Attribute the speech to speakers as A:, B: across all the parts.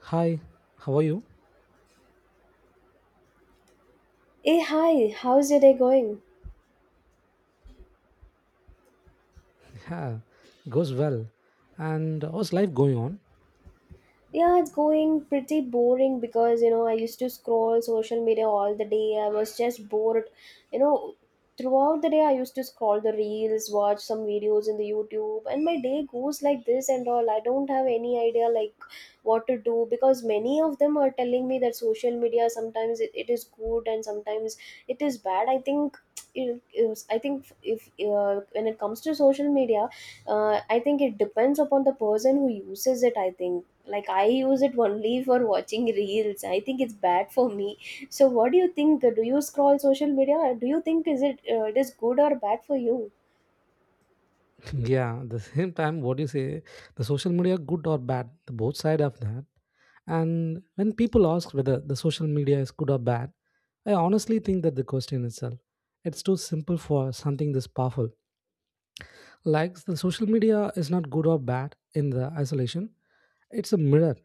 A: Hi, how are you?
B: Hey, hi, how's your day going?
A: Yeah, goes well. And how's life going on?
B: Yeah, it's going pretty boring because you know I used to scroll social media all the day. I was just bored, you know, throughout the day. I used to scroll the reels, watch some videos in the YouTube, and my day goes like this and all. I don't have any idea like what to do because many of them are telling me that social media sometimes it is good and sometimes it is bad. I think it is, I think if when it comes to social media, I think it depends upon the person who uses it, I think. Like, I use it only for watching reels. I think it's bad for me. So what do you think? Do you scroll social media? Do you think is it it is good or bad for you?
A: Yeah, the same time, what do you say? The social media, good or bad, the both side of that. And when people ask whether the social media is good or bad, I honestly think that the question itself, it's too simple for something this powerful. Like the social media is not good or bad in the isolation. It's a mirror.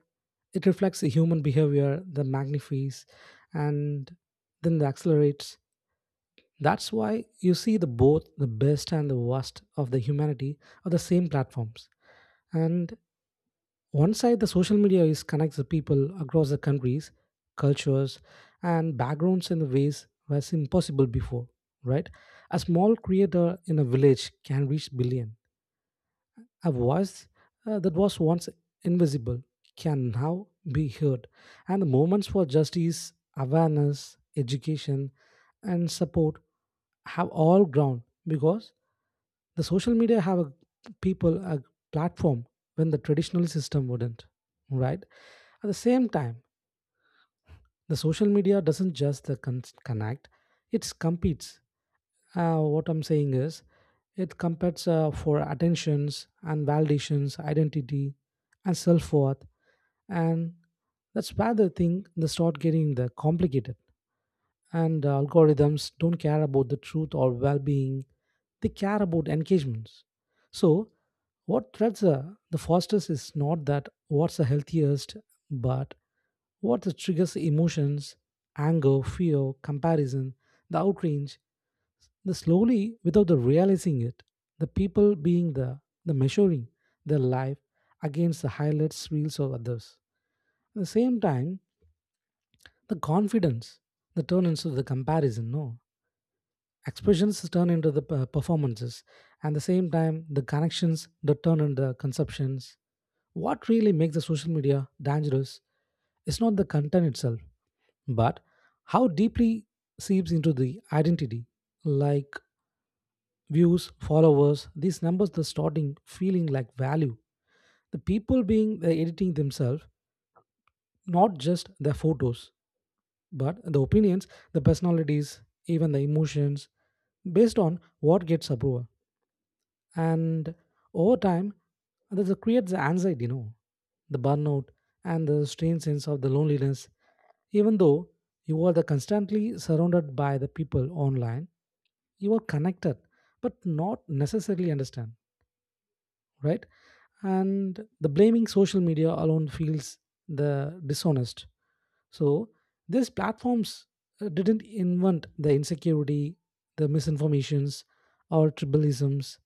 A: It reflects the human behavior, the magnifies, and then the accelerates. That's why you see the both the best and the worst of the humanity on the same platforms. And one side, the social media is connects the people across the countries, cultures, and backgrounds in the ways was impossible before. Right, a small creator in a village can reach billion. A voice that was once invisible can now be heard, and the moments for justice, awareness, education, and support have all ground because the social media have a people a platform when the traditional system wouldn't, right? At the same time, the social media doesn't just the connect; it competes. What I'm saying is, it competes for attentions and validations, identity, and self worth, and that's where the thing they start getting the complicated and algorithms don't care about the truth or well-being. They care about engagements. So what threads are the fastest is not that what's the healthiest, but what the triggers emotions, anger, fear, comparison, the outrage, the slowly without the realizing it, the people being the measuring their life against the highlights reels of others. At the same time, the confidence the turn into the comparison, no, expressions turn into the performances, and the same time the connections that turn into the conceptions. What really makes the social media dangerous is not the content itself, but how deeply seeps into the identity, like views, followers, these numbers the starting feeling like value. The people being the editing themselves, not just their photos but the opinions, the personalities, even the emotions, based on what gets approval. And over time, this creates the anxiety, the burnout, and the strange sense of the loneliness. Even though you are the constantly surrounded by the people online, you are connected, but not necessarily understand, right? And the blaming social media alone feels the dishonest. So these platforms didn't invent the insecurity, the misinformations, or tribalisms.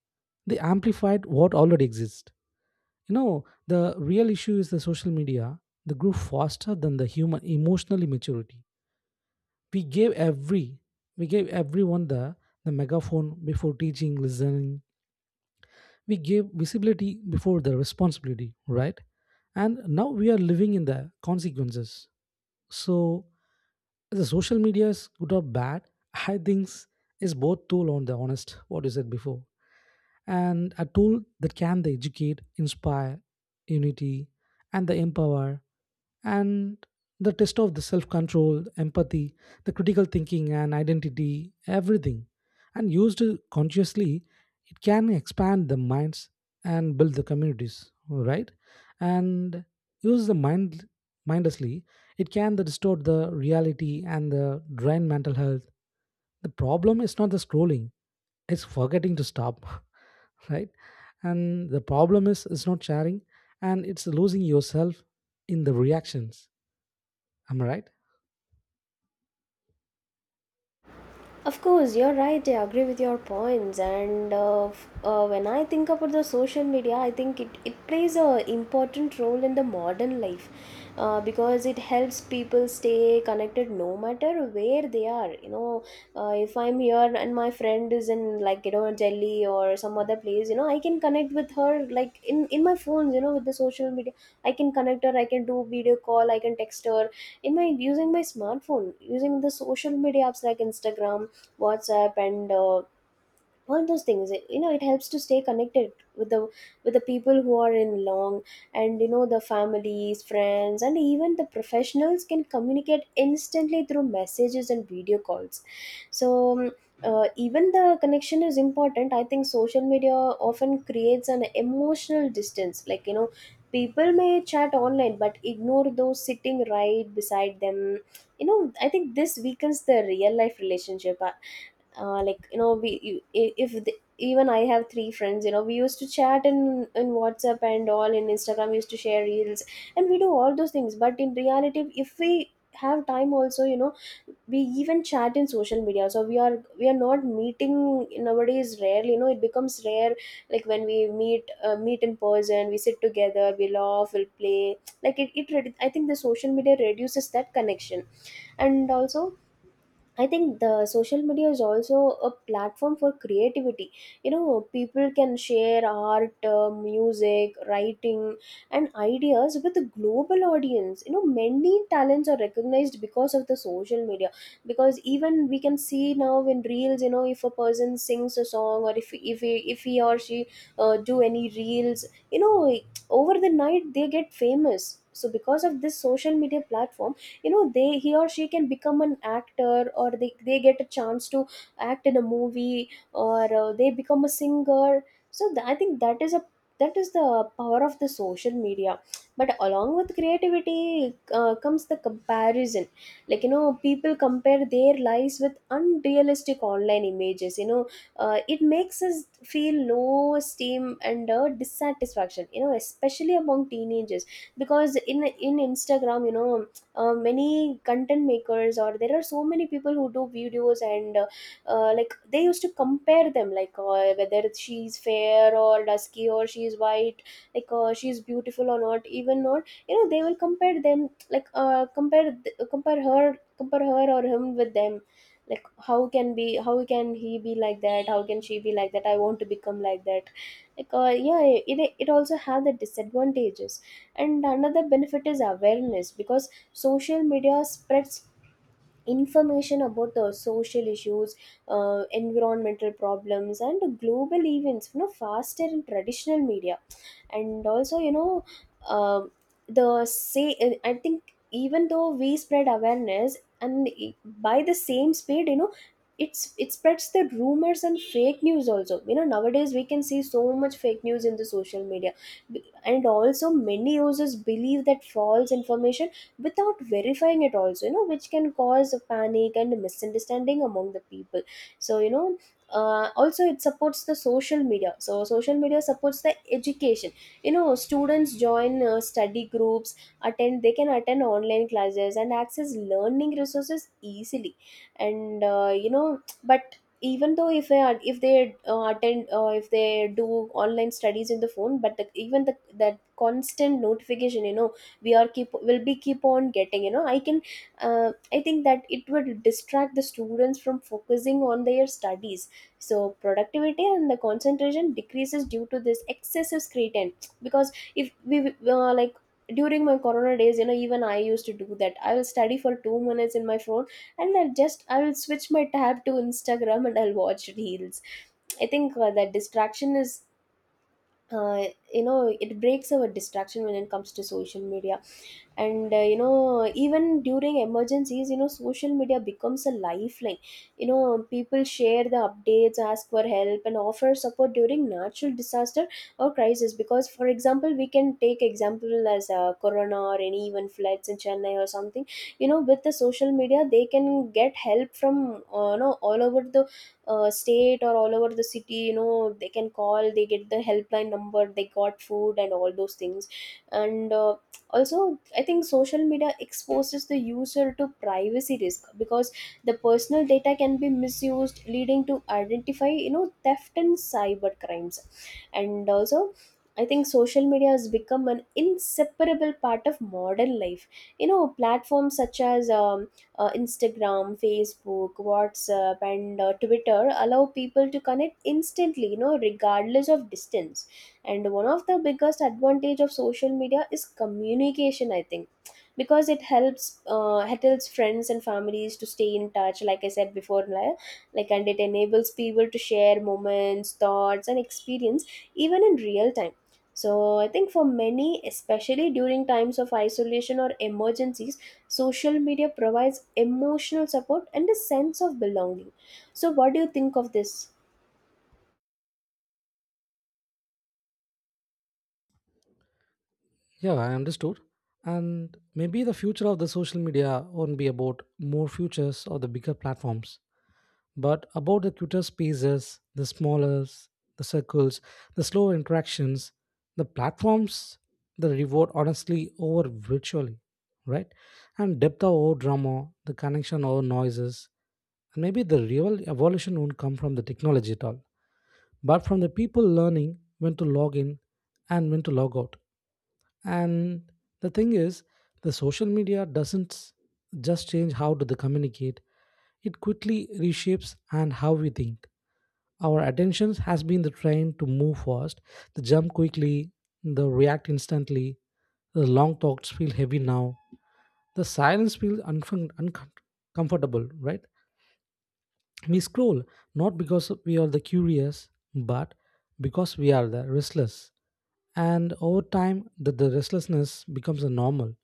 A: They amplified what already exists. You know, the real issue is the social media. They grew faster than the human emotional maturity. We gave every we gave everyone the megaphone before teaching, listening. We gave visibility before the responsibility, right? And now we are living in the consequences. So the social media is good or bad, I think is both tool on the honest. What you said before, and a tool that can the educate, inspire, unity, and the empower, and the test of the self-control, empathy, the critical thinking and identity, everything. And used consciously, it can expand the minds and build the communities, right? And use the mind mindlessly, it can the distort the reality and the drain mental health. The problem is not the scrolling, it's forgetting to stop. Right, and the problem is it's not sharing, and it's losing yourself in the reactions, am I right?
B: Of course, you're right. I agree with your points. And when I think about the social media, I think it plays a important role in the modern life, because it helps people stay connected no matter where they are. You know, if I'm here and my friend is in like you know Delhi or some other place, you know, I can connect with her like in my phone. You know, with the social media, I can connect her. I can do video call. I can text her in my using my smartphone, using the social media apps like Instagram, WhatsApp, and all those things. You know, it helps to stay connected with the people who are in long, and you know, the families, friends, and even the professionals can communicate instantly through messages and video calls. So. Um, even the connection is important. I think social media often creates an emotional distance. Like, you know, people may chat online but ignore those sitting right beside them, you know. I think this weakens the real life relationship. Like, you know, if even I have three friends, you know, we used to chat in WhatsApp, and all in Instagram we used to share reels, and we do all those things. But in reality, if we have time also, you know, we even chat in social media. So we are not meeting nowadays, rarely, you know. It becomes rare. Like when we meet, meet in person, we sit together, we laugh, we'll play. Like I think the social media reduces that connection. And also, I think the social media is also a platform for creativity, you know. People can share art, music, writing, and ideas with a global audience, you know. Many talents are recognized because of the social media, because even we can see now in reels, you know, if a person sings a song, or if he or she do any reels, you know, over the night they get famous. So because of this social media platform, you know, they he or she can become an actor, or they get a chance to act in a movie, or they become a singer. So I think that is a, that is the power of the social media. But along with creativity, comes the comparison. Like, you know, people compare their lives with unrealistic online images, you know. It makes us feel low esteem and dissatisfaction, you know, especially among teenagers. Because in Instagram, you know, many content makers, or there are so many people who do videos, and like they used to compare them, like whether she's fair or dusky or she's white, like she's beautiful or not, even not, you know. They will compare them, like compare th- compare her or him with them. Like how can be, how can he be like that, how can she be like that, I want to become like that. Like, yeah, it also have the disadvantages. And another benefit is awareness, because social media spreads information about the social issues, environmental problems, and global events, you know, faster in traditional media. And also, you know, um, the say I think even though we spread awareness, by the same speed, you know, it spreads the rumors and fake news also, you know. Nowadays we can see so much fake news in the social media. And also, many users believe that false information without verifying it also, you know, which can cause a panic and misunderstanding among the people. So, you know, also it supports the social media so social media supports the education. You know, students join study groups, attend they can attend online classes and access learning resources easily. And you know, but even though if they attend if they do online studies in the phone, but even the that constant notification, you know, we are keep will be keep on getting, you know. I think that it would distract the students from focusing on their studies. So productivity and the concentration decreases due to this excessive screen time. Because if we like, during my corona days, you know, even I used to do that. I will study for 2 minutes in my phone, and I will switch my tab to Instagram and I'll watch reels. I think that distraction is, uh, you know, it breaks our distraction when it comes to social media. And you know, even during emergencies, you know, social media becomes a lifeline. You know, people share the updates, ask for help, and offer support during natural disaster or crisis. Because, for example, we can take example as corona, or any even floods in Chennai or something. You know, with the social media they can get help from, you know, all over the state, or all over the city. You know, they can call, they get the helpline number, they got food and all those things. And also, I think social media exposes the user to privacy risk, because the personal data can be misused, leading to identify, you know, theft and cyber crimes. And also, I think social media has become an inseparable part of modern life. You know, platforms such as Instagram, Facebook, WhatsApp, and Twitter allow people to connect instantly, you know, regardless of distance. And one of the biggest advantage of social media is communication, I think. Because it helps friends and families to stay in touch, like I said before, like. And it enables people to share moments, thoughts, and experience, even in real time. So I think for many, especially during times of isolation or emergencies, social media provides emotional support and a sense of belonging. So what do you think of this?
A: Yeah, I understood. And maybe the future of the social media won't be about more futures or the bigger platforms, but about the cuter spaces, the smaller, the circles, the slow interactions, the platforms, the reward honestly over virtually, right? And depth over drama, the connection over noises, and maybe the real evolution won't come from the technology at all, but from the people learning when to log in and when to log out. And the thing is, the social media doesn't just change how to the communicate, it quickly reshapes and how we think. Our attention has been the train to move fast, the jump quickly, the react instantly, the long talks feel heavy now, the silence feels uncomfortable, right? We scroll not because we are the curious, but because we are the restless. And over time, the restlessness becomes a normal,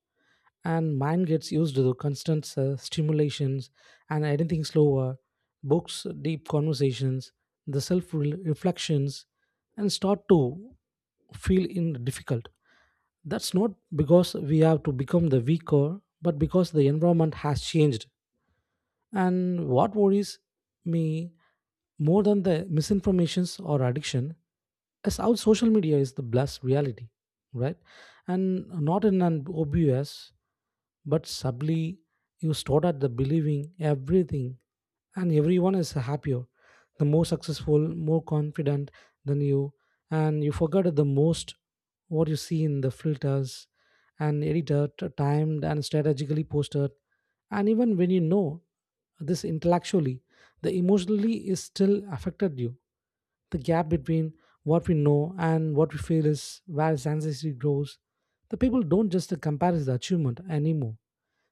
A: and mind gets used to the constant stimulations, and anything slower, books, deep conversations, the self reflections, and start to feel in difficult. That's not because we have to become the weaker, but because the environment has changed. And what worries me more than the misinformations or addiction is how social media is the blessed reality, right? And not in an obvious, but subtly, you start at the believing everything, and everyone is happier, the more successful, more confident than you, and you forget the most what you see in the filters and edited, timed, and strategically posted. And even when you know this intellectually, the emotionally is still affected you. The gap between what we know and what we feel is where science grows. The people don't just compare the achievement anymore.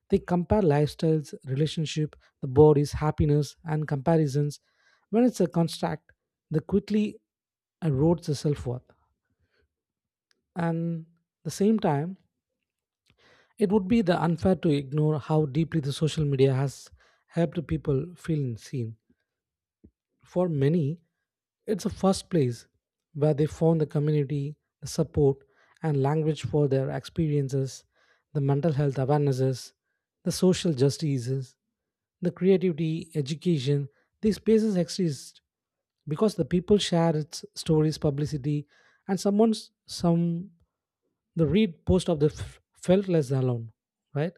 A: They compare lifestyles, relationship, the bodies, happiness, and comparisons. When it's a construct, they quickly erodes the self-worth. And the same time, it would be the unfair to ignore how deeply the social media has helped people feel seen. For many, it's a first place where they found the community, the support, and language for their experiences, the mental health awarenesses, the social justices, the creativity, education. These spaces exist because the people share its stories, publicity, and someone's some the read post of the felt less alone, right?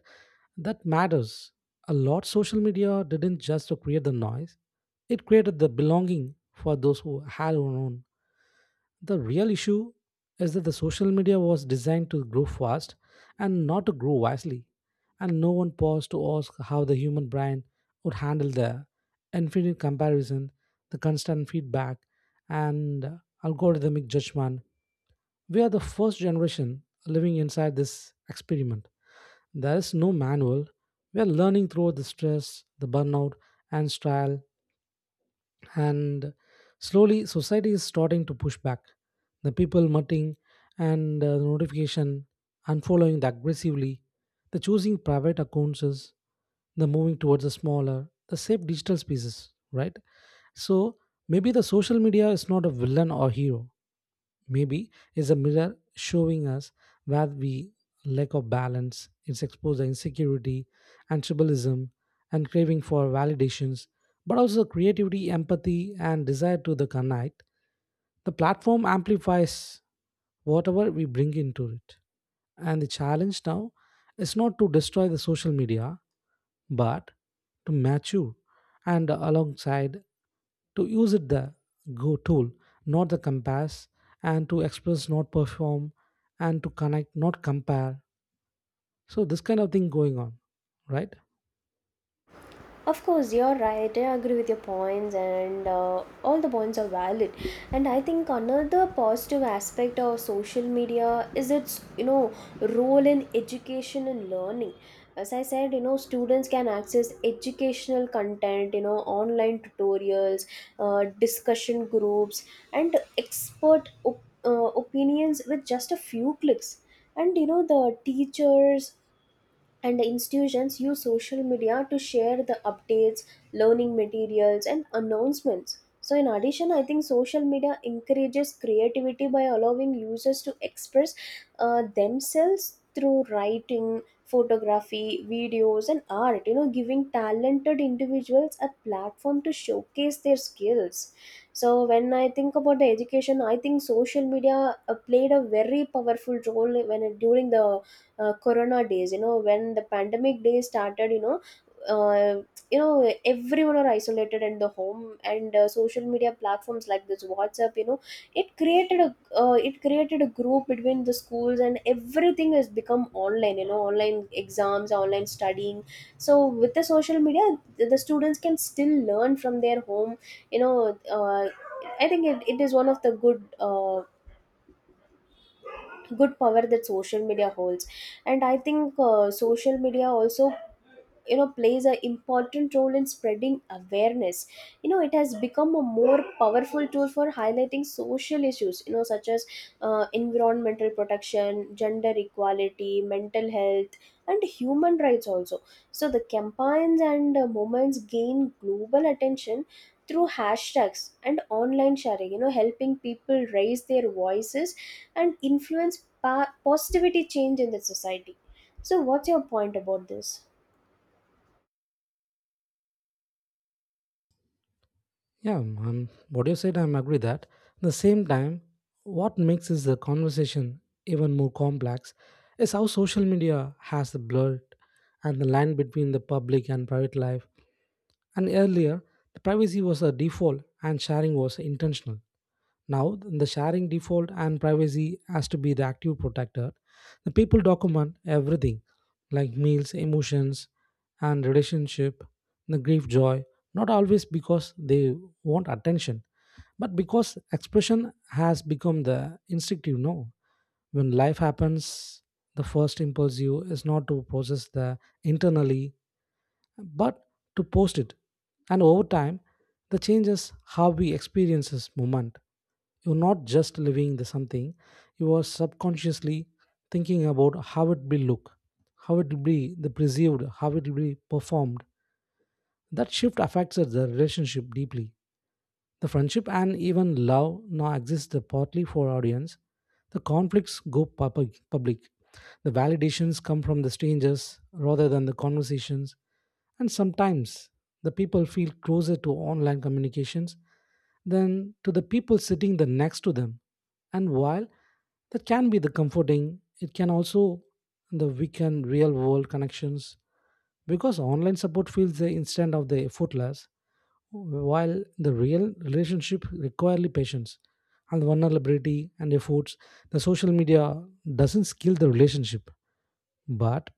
A: That matters a lot. Social media didn't just to create the noise, it created the belonging for those who had their own. The real issue is that the social media was designed to grow fast and not to grow wisely, and no one paused to ask how the human brain would handle the infinite comparison, the constant feedback, and algorithmic judgment. We are the first generation living inside this experiment. There is no manual. We are learning through the stress, the burnout, and trial, and slowly society is starting to push back. The people muttering and the notification, unfollowing the aggressively, the choosing private accounts, is the moving towards the smaller, the safe digital spaces, right? So maybe the social media is not a villain or hero. Maybe is a mirror showing us where we lack of balance. It's exposed the insecurity and tribalism and craving for validations, but also creativity, empathy, and desire to the connect. The platform amplifies whatever we bring into it. And the challenge now is not to destroy the social media, but to mature and alongside to use it the go tool, not the compass, and to express, not perform, and to connect, not compare. So this kind of thing going on, right?
B: Of course, you're right. I agree with your points, and all the points are valid. And I think another positive aspect of social media is its, you know, role in education and learning. As I said, you know, students can access educational content, you know, online tutorials, discussion groups, and expert opinions with just a few clicks. And you know, the teachers and institutions use social media to share the updates, learning materials, and announcements. So, in addition, I think social media encourages creativity by allowing users to express themselves through writing, photography, videos, and art, you know, giving talented individuals a platform to showcase their skills. So, when I think about the education, I think social media played a very powerful role when during the corona days, you know, when the pandemic days started, you know, uh, you know, everyone are isolated in the home. And social media platforms like this WhatsApp, you know, it created a, it created a group between the schools, and everything has become online, you know, online exams, online studying. So with the social media, the students can still learn from their home, you know. uh, I think it is one of the good, uh, good power that social media holds. And I think social media also, you know, plays an important role in spreading awareness. You know, it has become a more powerful tool for highlighting social issues, you know, such as environmental protection, gender equality, mental health, and human rights also. So the campaigns and movements gain global attention through hashtags and online sharing, you know, helping people raise their voices and influence positivity change in the society. So what's your point about this?
A: Yeah, what you said I'm agree that. The same time, what makes is the conversation even more complex is how social media has the blurred and the line between the public and private life. And earlier, the privacy was a default and sharing was intentional. Now, the sharing default and privacy has to be the active protector. The people document everything like meals, emotions, and relationship, the grief, joy, not always because they want attention, but because expression has become the instinctive, no. When life happens, the first impulse you is not to process the internally, but to post it. And over time, the changes how we experience this moment. You're not just living the something, you are subconsciously thinking about how it will look, how it will be the perceived, how it will be performed. That shift affects the relationship deeply. The friendship and even love now exist partly for audience. The conflicts go public. The validations come from the strangers rather than the conversations. And sometimes the people feel closer to online communications than to the people sitting the next to them. And while that can be the comforting, it can also the weaken real world connections, because online support feels the instant of the effortless, while the real relationship require patience and vulnerability and efforts. The social media doesn't kill the relationship, but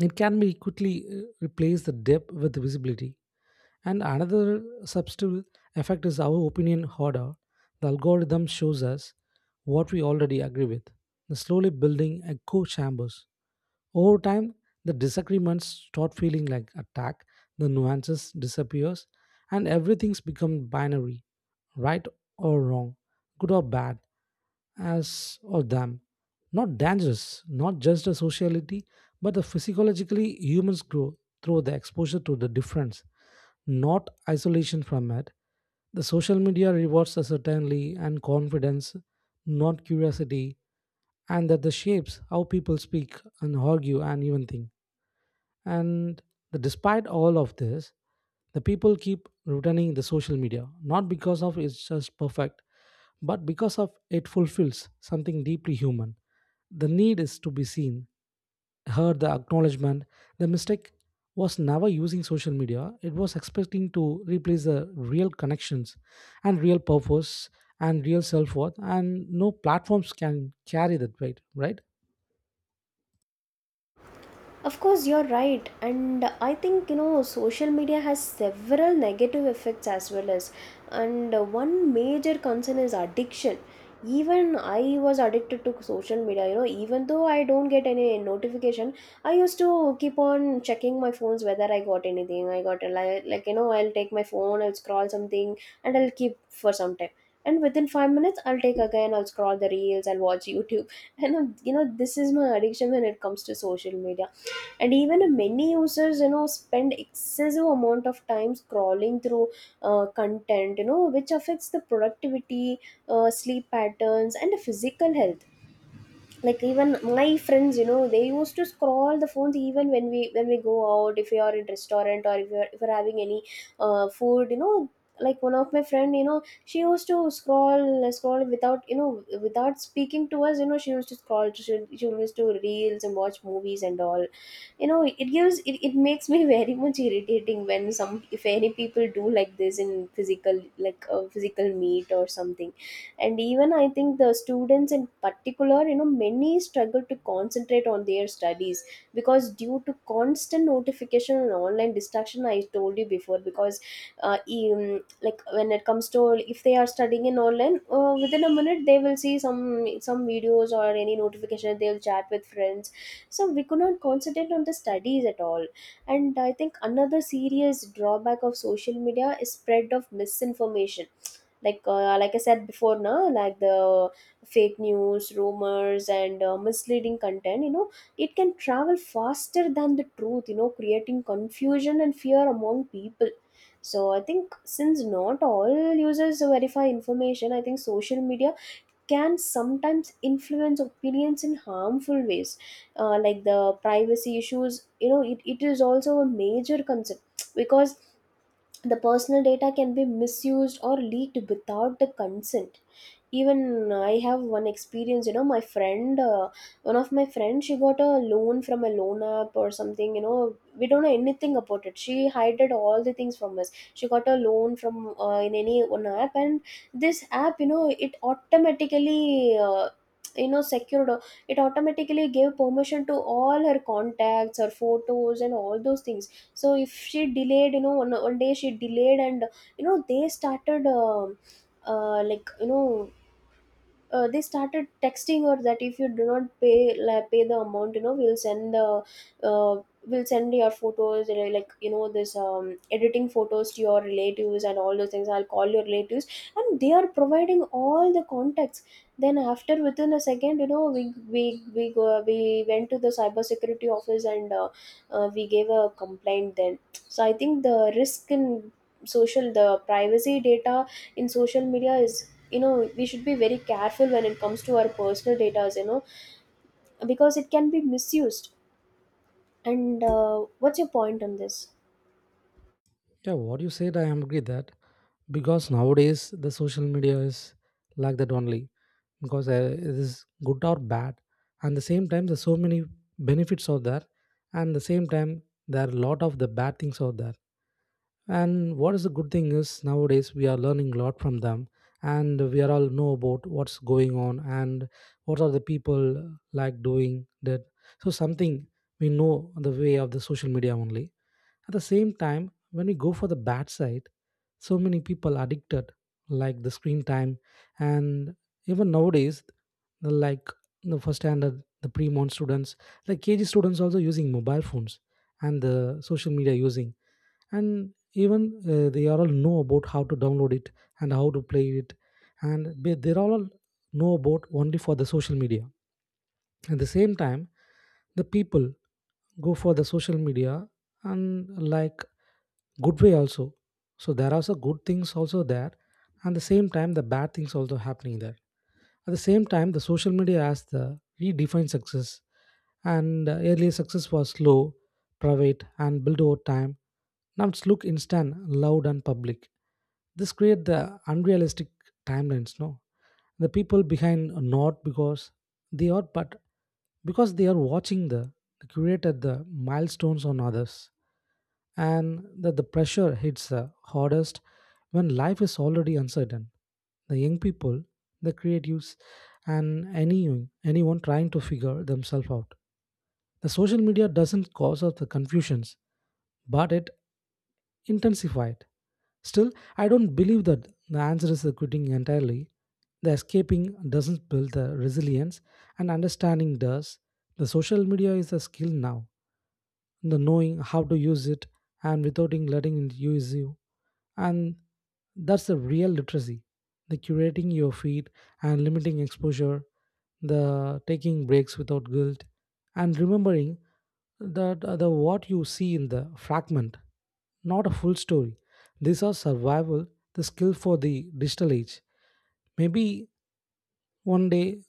A: it can be quickly replace the depth with visibility. And another subtle effect is our opinion hoarder. The algorithm shows us what we already agree with, slowly building echo chambers. Over time, the disagreements start feeling like attack, the nuances disappears, and everything's become binary, right or wrong, good or bad, as or them. Not dangerous, not just a sociality, but the physiologically humans grow through the exposure to the difference, not isolation from it. The social media rewards us certainly and confidence, not curiosity, and that the shapes how people speak and argue and even think. And despite all of this, the people keep returning the social media not because of it's just perfect, but because of it fulfills something deeply human. The need is to be seen, heard, the acknowledgement. The mistake was never using social media. It was expecting to replace the real connections and real purpose and real self worth. And no platforms can carry that weight, right?
B: Of course, you're right, and I think you know social media has several negative effects as well, as, and one major concern is addiction. Even I was addicted to social media, you know, even though I don't get any notification, I used to keep on checking my phones whether I got anything. I got a li- like, you know, I'll take my phone, I'll scroll something, and I'll keep for some time. And within 5 minutes, I'll take again, I'll scroll the reels, I'll watch YouTube. This is my addiction when it comes to social media, and even many users, you know, spend excessive amount of time scrolling through content, you know, which affects the productivity, sleep patterns, and the physical health. Like even my friends, you know, they used to scroll the phones, even when we go out, if we are in restaurant, or if we're having any food, you know. Like one of my friend, you know, she used to scroll without, you know, without speaking to us, you know, she used to reels and watch movies and all. You know, it gives it makes me very much irritating when some if any people do like this in physical, like a physical meet or something. And even I think the students in particular, you know, many struggle to concentrate on their studies because due to constant notification and online distraction, I told you before. Because like when it comes to, if they are studying in online, within a minute they will see some videos or any notification, they'll chat with friends. So we could not concentrate on the studies at all. And I think another serious drawback of social media is spread of misinformation. Like I said before na, like the fake news, rumors, and misleading content, you know, it can travel faster than the truth, you know, creating confusion and fear among people. So I think, since not all users verify information, I think social media can sometimes influence opinions in harmful ways. Like the privacy issues, you know, it is also a major concern, because the personal data can be misused or leaked without the consent. Even I have one experience, you know. My friend, one of my friends, she got a loan from a loan app or something, you know. We don't know anything about it, she hid all the things from us. She got a loan from in any one app, and this app, you know, it automatically you know secured it automatically gave permission to all her contacts, her photos, and all those things. So if she delayed, you know, one day she delayed, and you know they started uh, like you know they started texting her that, "If you do not pay, pay the amount, you know, we'll send the uh, we'll send your photos, this editing photos to your relatives and all those things. I'll call your relatives." And they are providing all the contacts. Then after, within a second, you know, we went to the cyber security office, and we gave a complaint. Then, so I think the risk in social, the privacy data in social media is, you know, we should be very careful when it comes to our personal data, you know, because it can be misused. And what's your point on this?
A: Yeah, what you said, I am agree that because nowadays the social media is like that only because it is good or bad, and the same time there's so many benefits out there, and the same time there are a lot of the bad things out there. And what is the good thing is nowadays we are learning a lot from them, and we are all know about what's going on and what are the people like doing that. So something we know the way of the social media only. At the same time, when we go for the bad side, so many people addicted, like the screen time, and even nowadays, the like the first standard, the pre-mon students, like KG students also using mobile phones and the social media using and even they are all know about how to download it and how to play it and they all know about only for the social media at the same time, the people go for the social media and like good way also. So there are also good things also there, and the same time the bad things also happening there. At the same time, the social media has the redefined success, and earlier success was slow, private, and built over time. Now it's look instant, loud, and public. This create the unrealistic timelines. No, the people behind are not because they are but because they are watching the curator the milestones on others and that the pressure hits the hardest when life is already uncertain, the young people, the creatives, and any anyone trying to figure themselves out. The social media doesn't cause us the confusions but it intensified. Still, I don't believe that the answer is the quitting entirely. The escaping doesn't build the resilience, and understanding does. The social media is a skill now, the knowing how to use it and without in letting it use you. And that's the real literacy. The curating your feed and limiting exposure, the taking breaks without guilt, and remembering that the what you see in the fragment, not a full story. These are survival, the skill for the digital age. Maybe one day,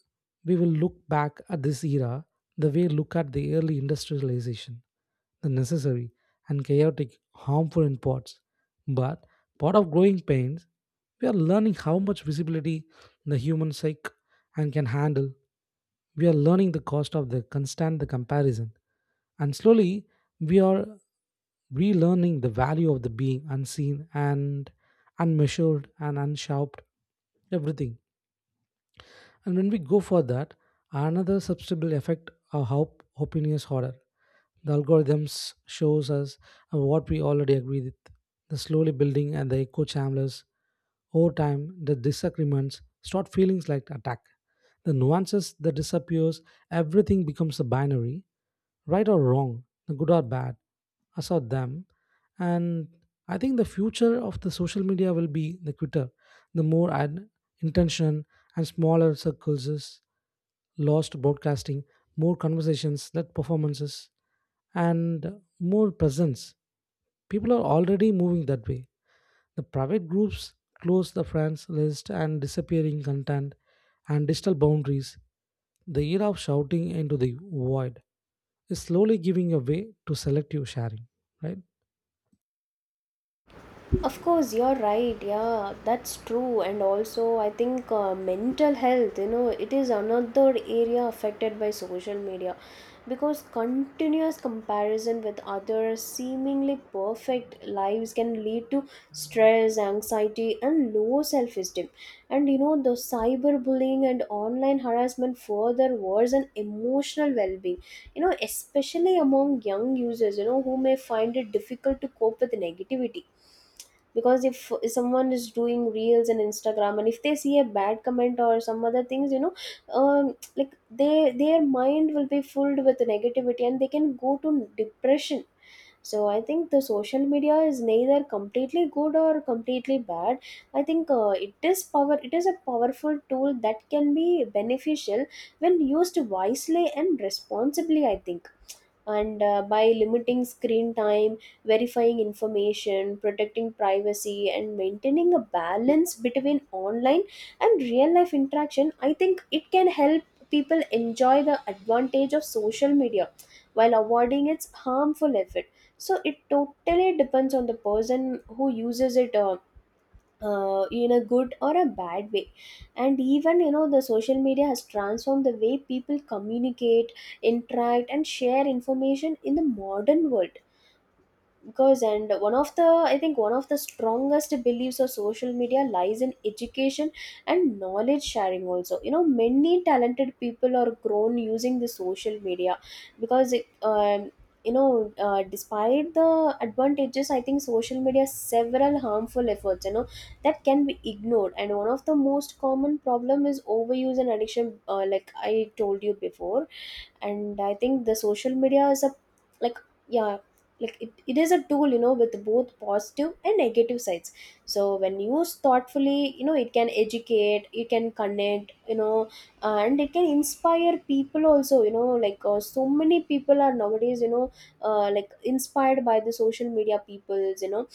A: we will look back at this era the way look at the early industrialization, the necessary and chaotic, harmful in parts. But part of growing pains, we are learning how much visibility the human psyche and can handle. We are learning the cost of the constant the comparison, and slowly we are relearning the value of the being unseen and unmeasured and unsharped everything. And when we go for that, another substantial effect of how opinion is harder. The algorithms shows us what we already agree with. The slowly building and the echo chambers. Over time, the disagreements start feelings like attack. The nuances that disappears, everything becomes a binary, right or wrong, good or bad, us or them. And I think the future of the social media will be the quitter, the more ad intention and smaller circles, is lost broadcasting, more conversations, that performances, and more presence. People are already moving that way. The private groups, close the friends list and disappearing content and digital boundaries. The era of shouting into the void is slowly giving away to selective sharing, right?
B: Of course, you're right. Yeah, that's true. And also, I think mental health, you know, it is another area affected by social media, because continuous comparison with others, seemingly perfect lives, can lead to stress, anxiety, and low self esteem. And you know, the cyberbullying and online harassment further worsen emotional well being, you know, especially among young users, you know, who may find it difficult to cope with negativity. Because if someone is doing reels and Instagram, and if they see a bad comment or some other things, you know, um like they, their mind will be filled with negativity, and they can go to depression. So I think the social media is neither completely good or completely bad. I think it is a powerful tool that can be beneficial when used wisely and responsibly, I think. And by limiting screen time, verifying information, protecting privacy, and maintaining a balance between online and real life interaction, I think it can help people enjoy the advantage of social media while avoiding its harmful effect. So it totally depends on the person who uses it, in a good or a bad way. And even, you know, the social media has transformed the way people communicate, interact, and share information in the modern world. Because, and one of the I think one of the strongest beliefs of social media lies in education and knowledge sharing also, you know. Many talented people are grown using the social media, because it, you know despite the advantages, I think social media has several harmful efforts, you know, that can be ignored. And one of the most common problem is overuse and addiction, like I told you before. And I think the social media is a, like, yeah, like it is a tool, you know, with both positive and negative sides. So when used thoughtfully, you know, it can educate, it can connect, you know, and it can inspire people also, you know. So many people are nowadays, you know, like inspired by the social media peoples, you know.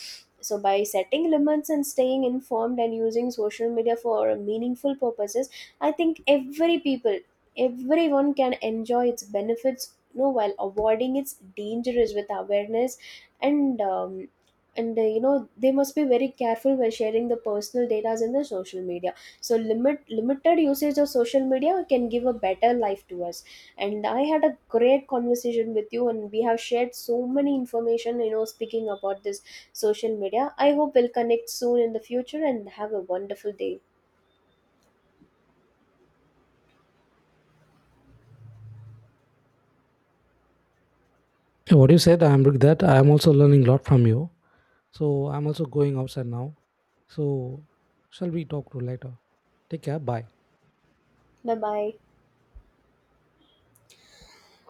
B: So by setting limits and staying informed and using social media for meaningful purposes, I think everyone can enjoy its benefits, you know, while avoiding its dangers with awareness. And you know, they must be very careful when sharing the personal data in the social media. So limited usage of social media can give a better life to us. And I had a great conversation with you, and we have shared so many information, you know, speaking about this social media. I hope we'll connect soon in the future and have a wonderful day.
A: Yeah, what you said, I'm with that. I'm also learning a lot from you. So I'm also going outside now. So shall we talk to later? Take care. Bye.
B: Bye bye.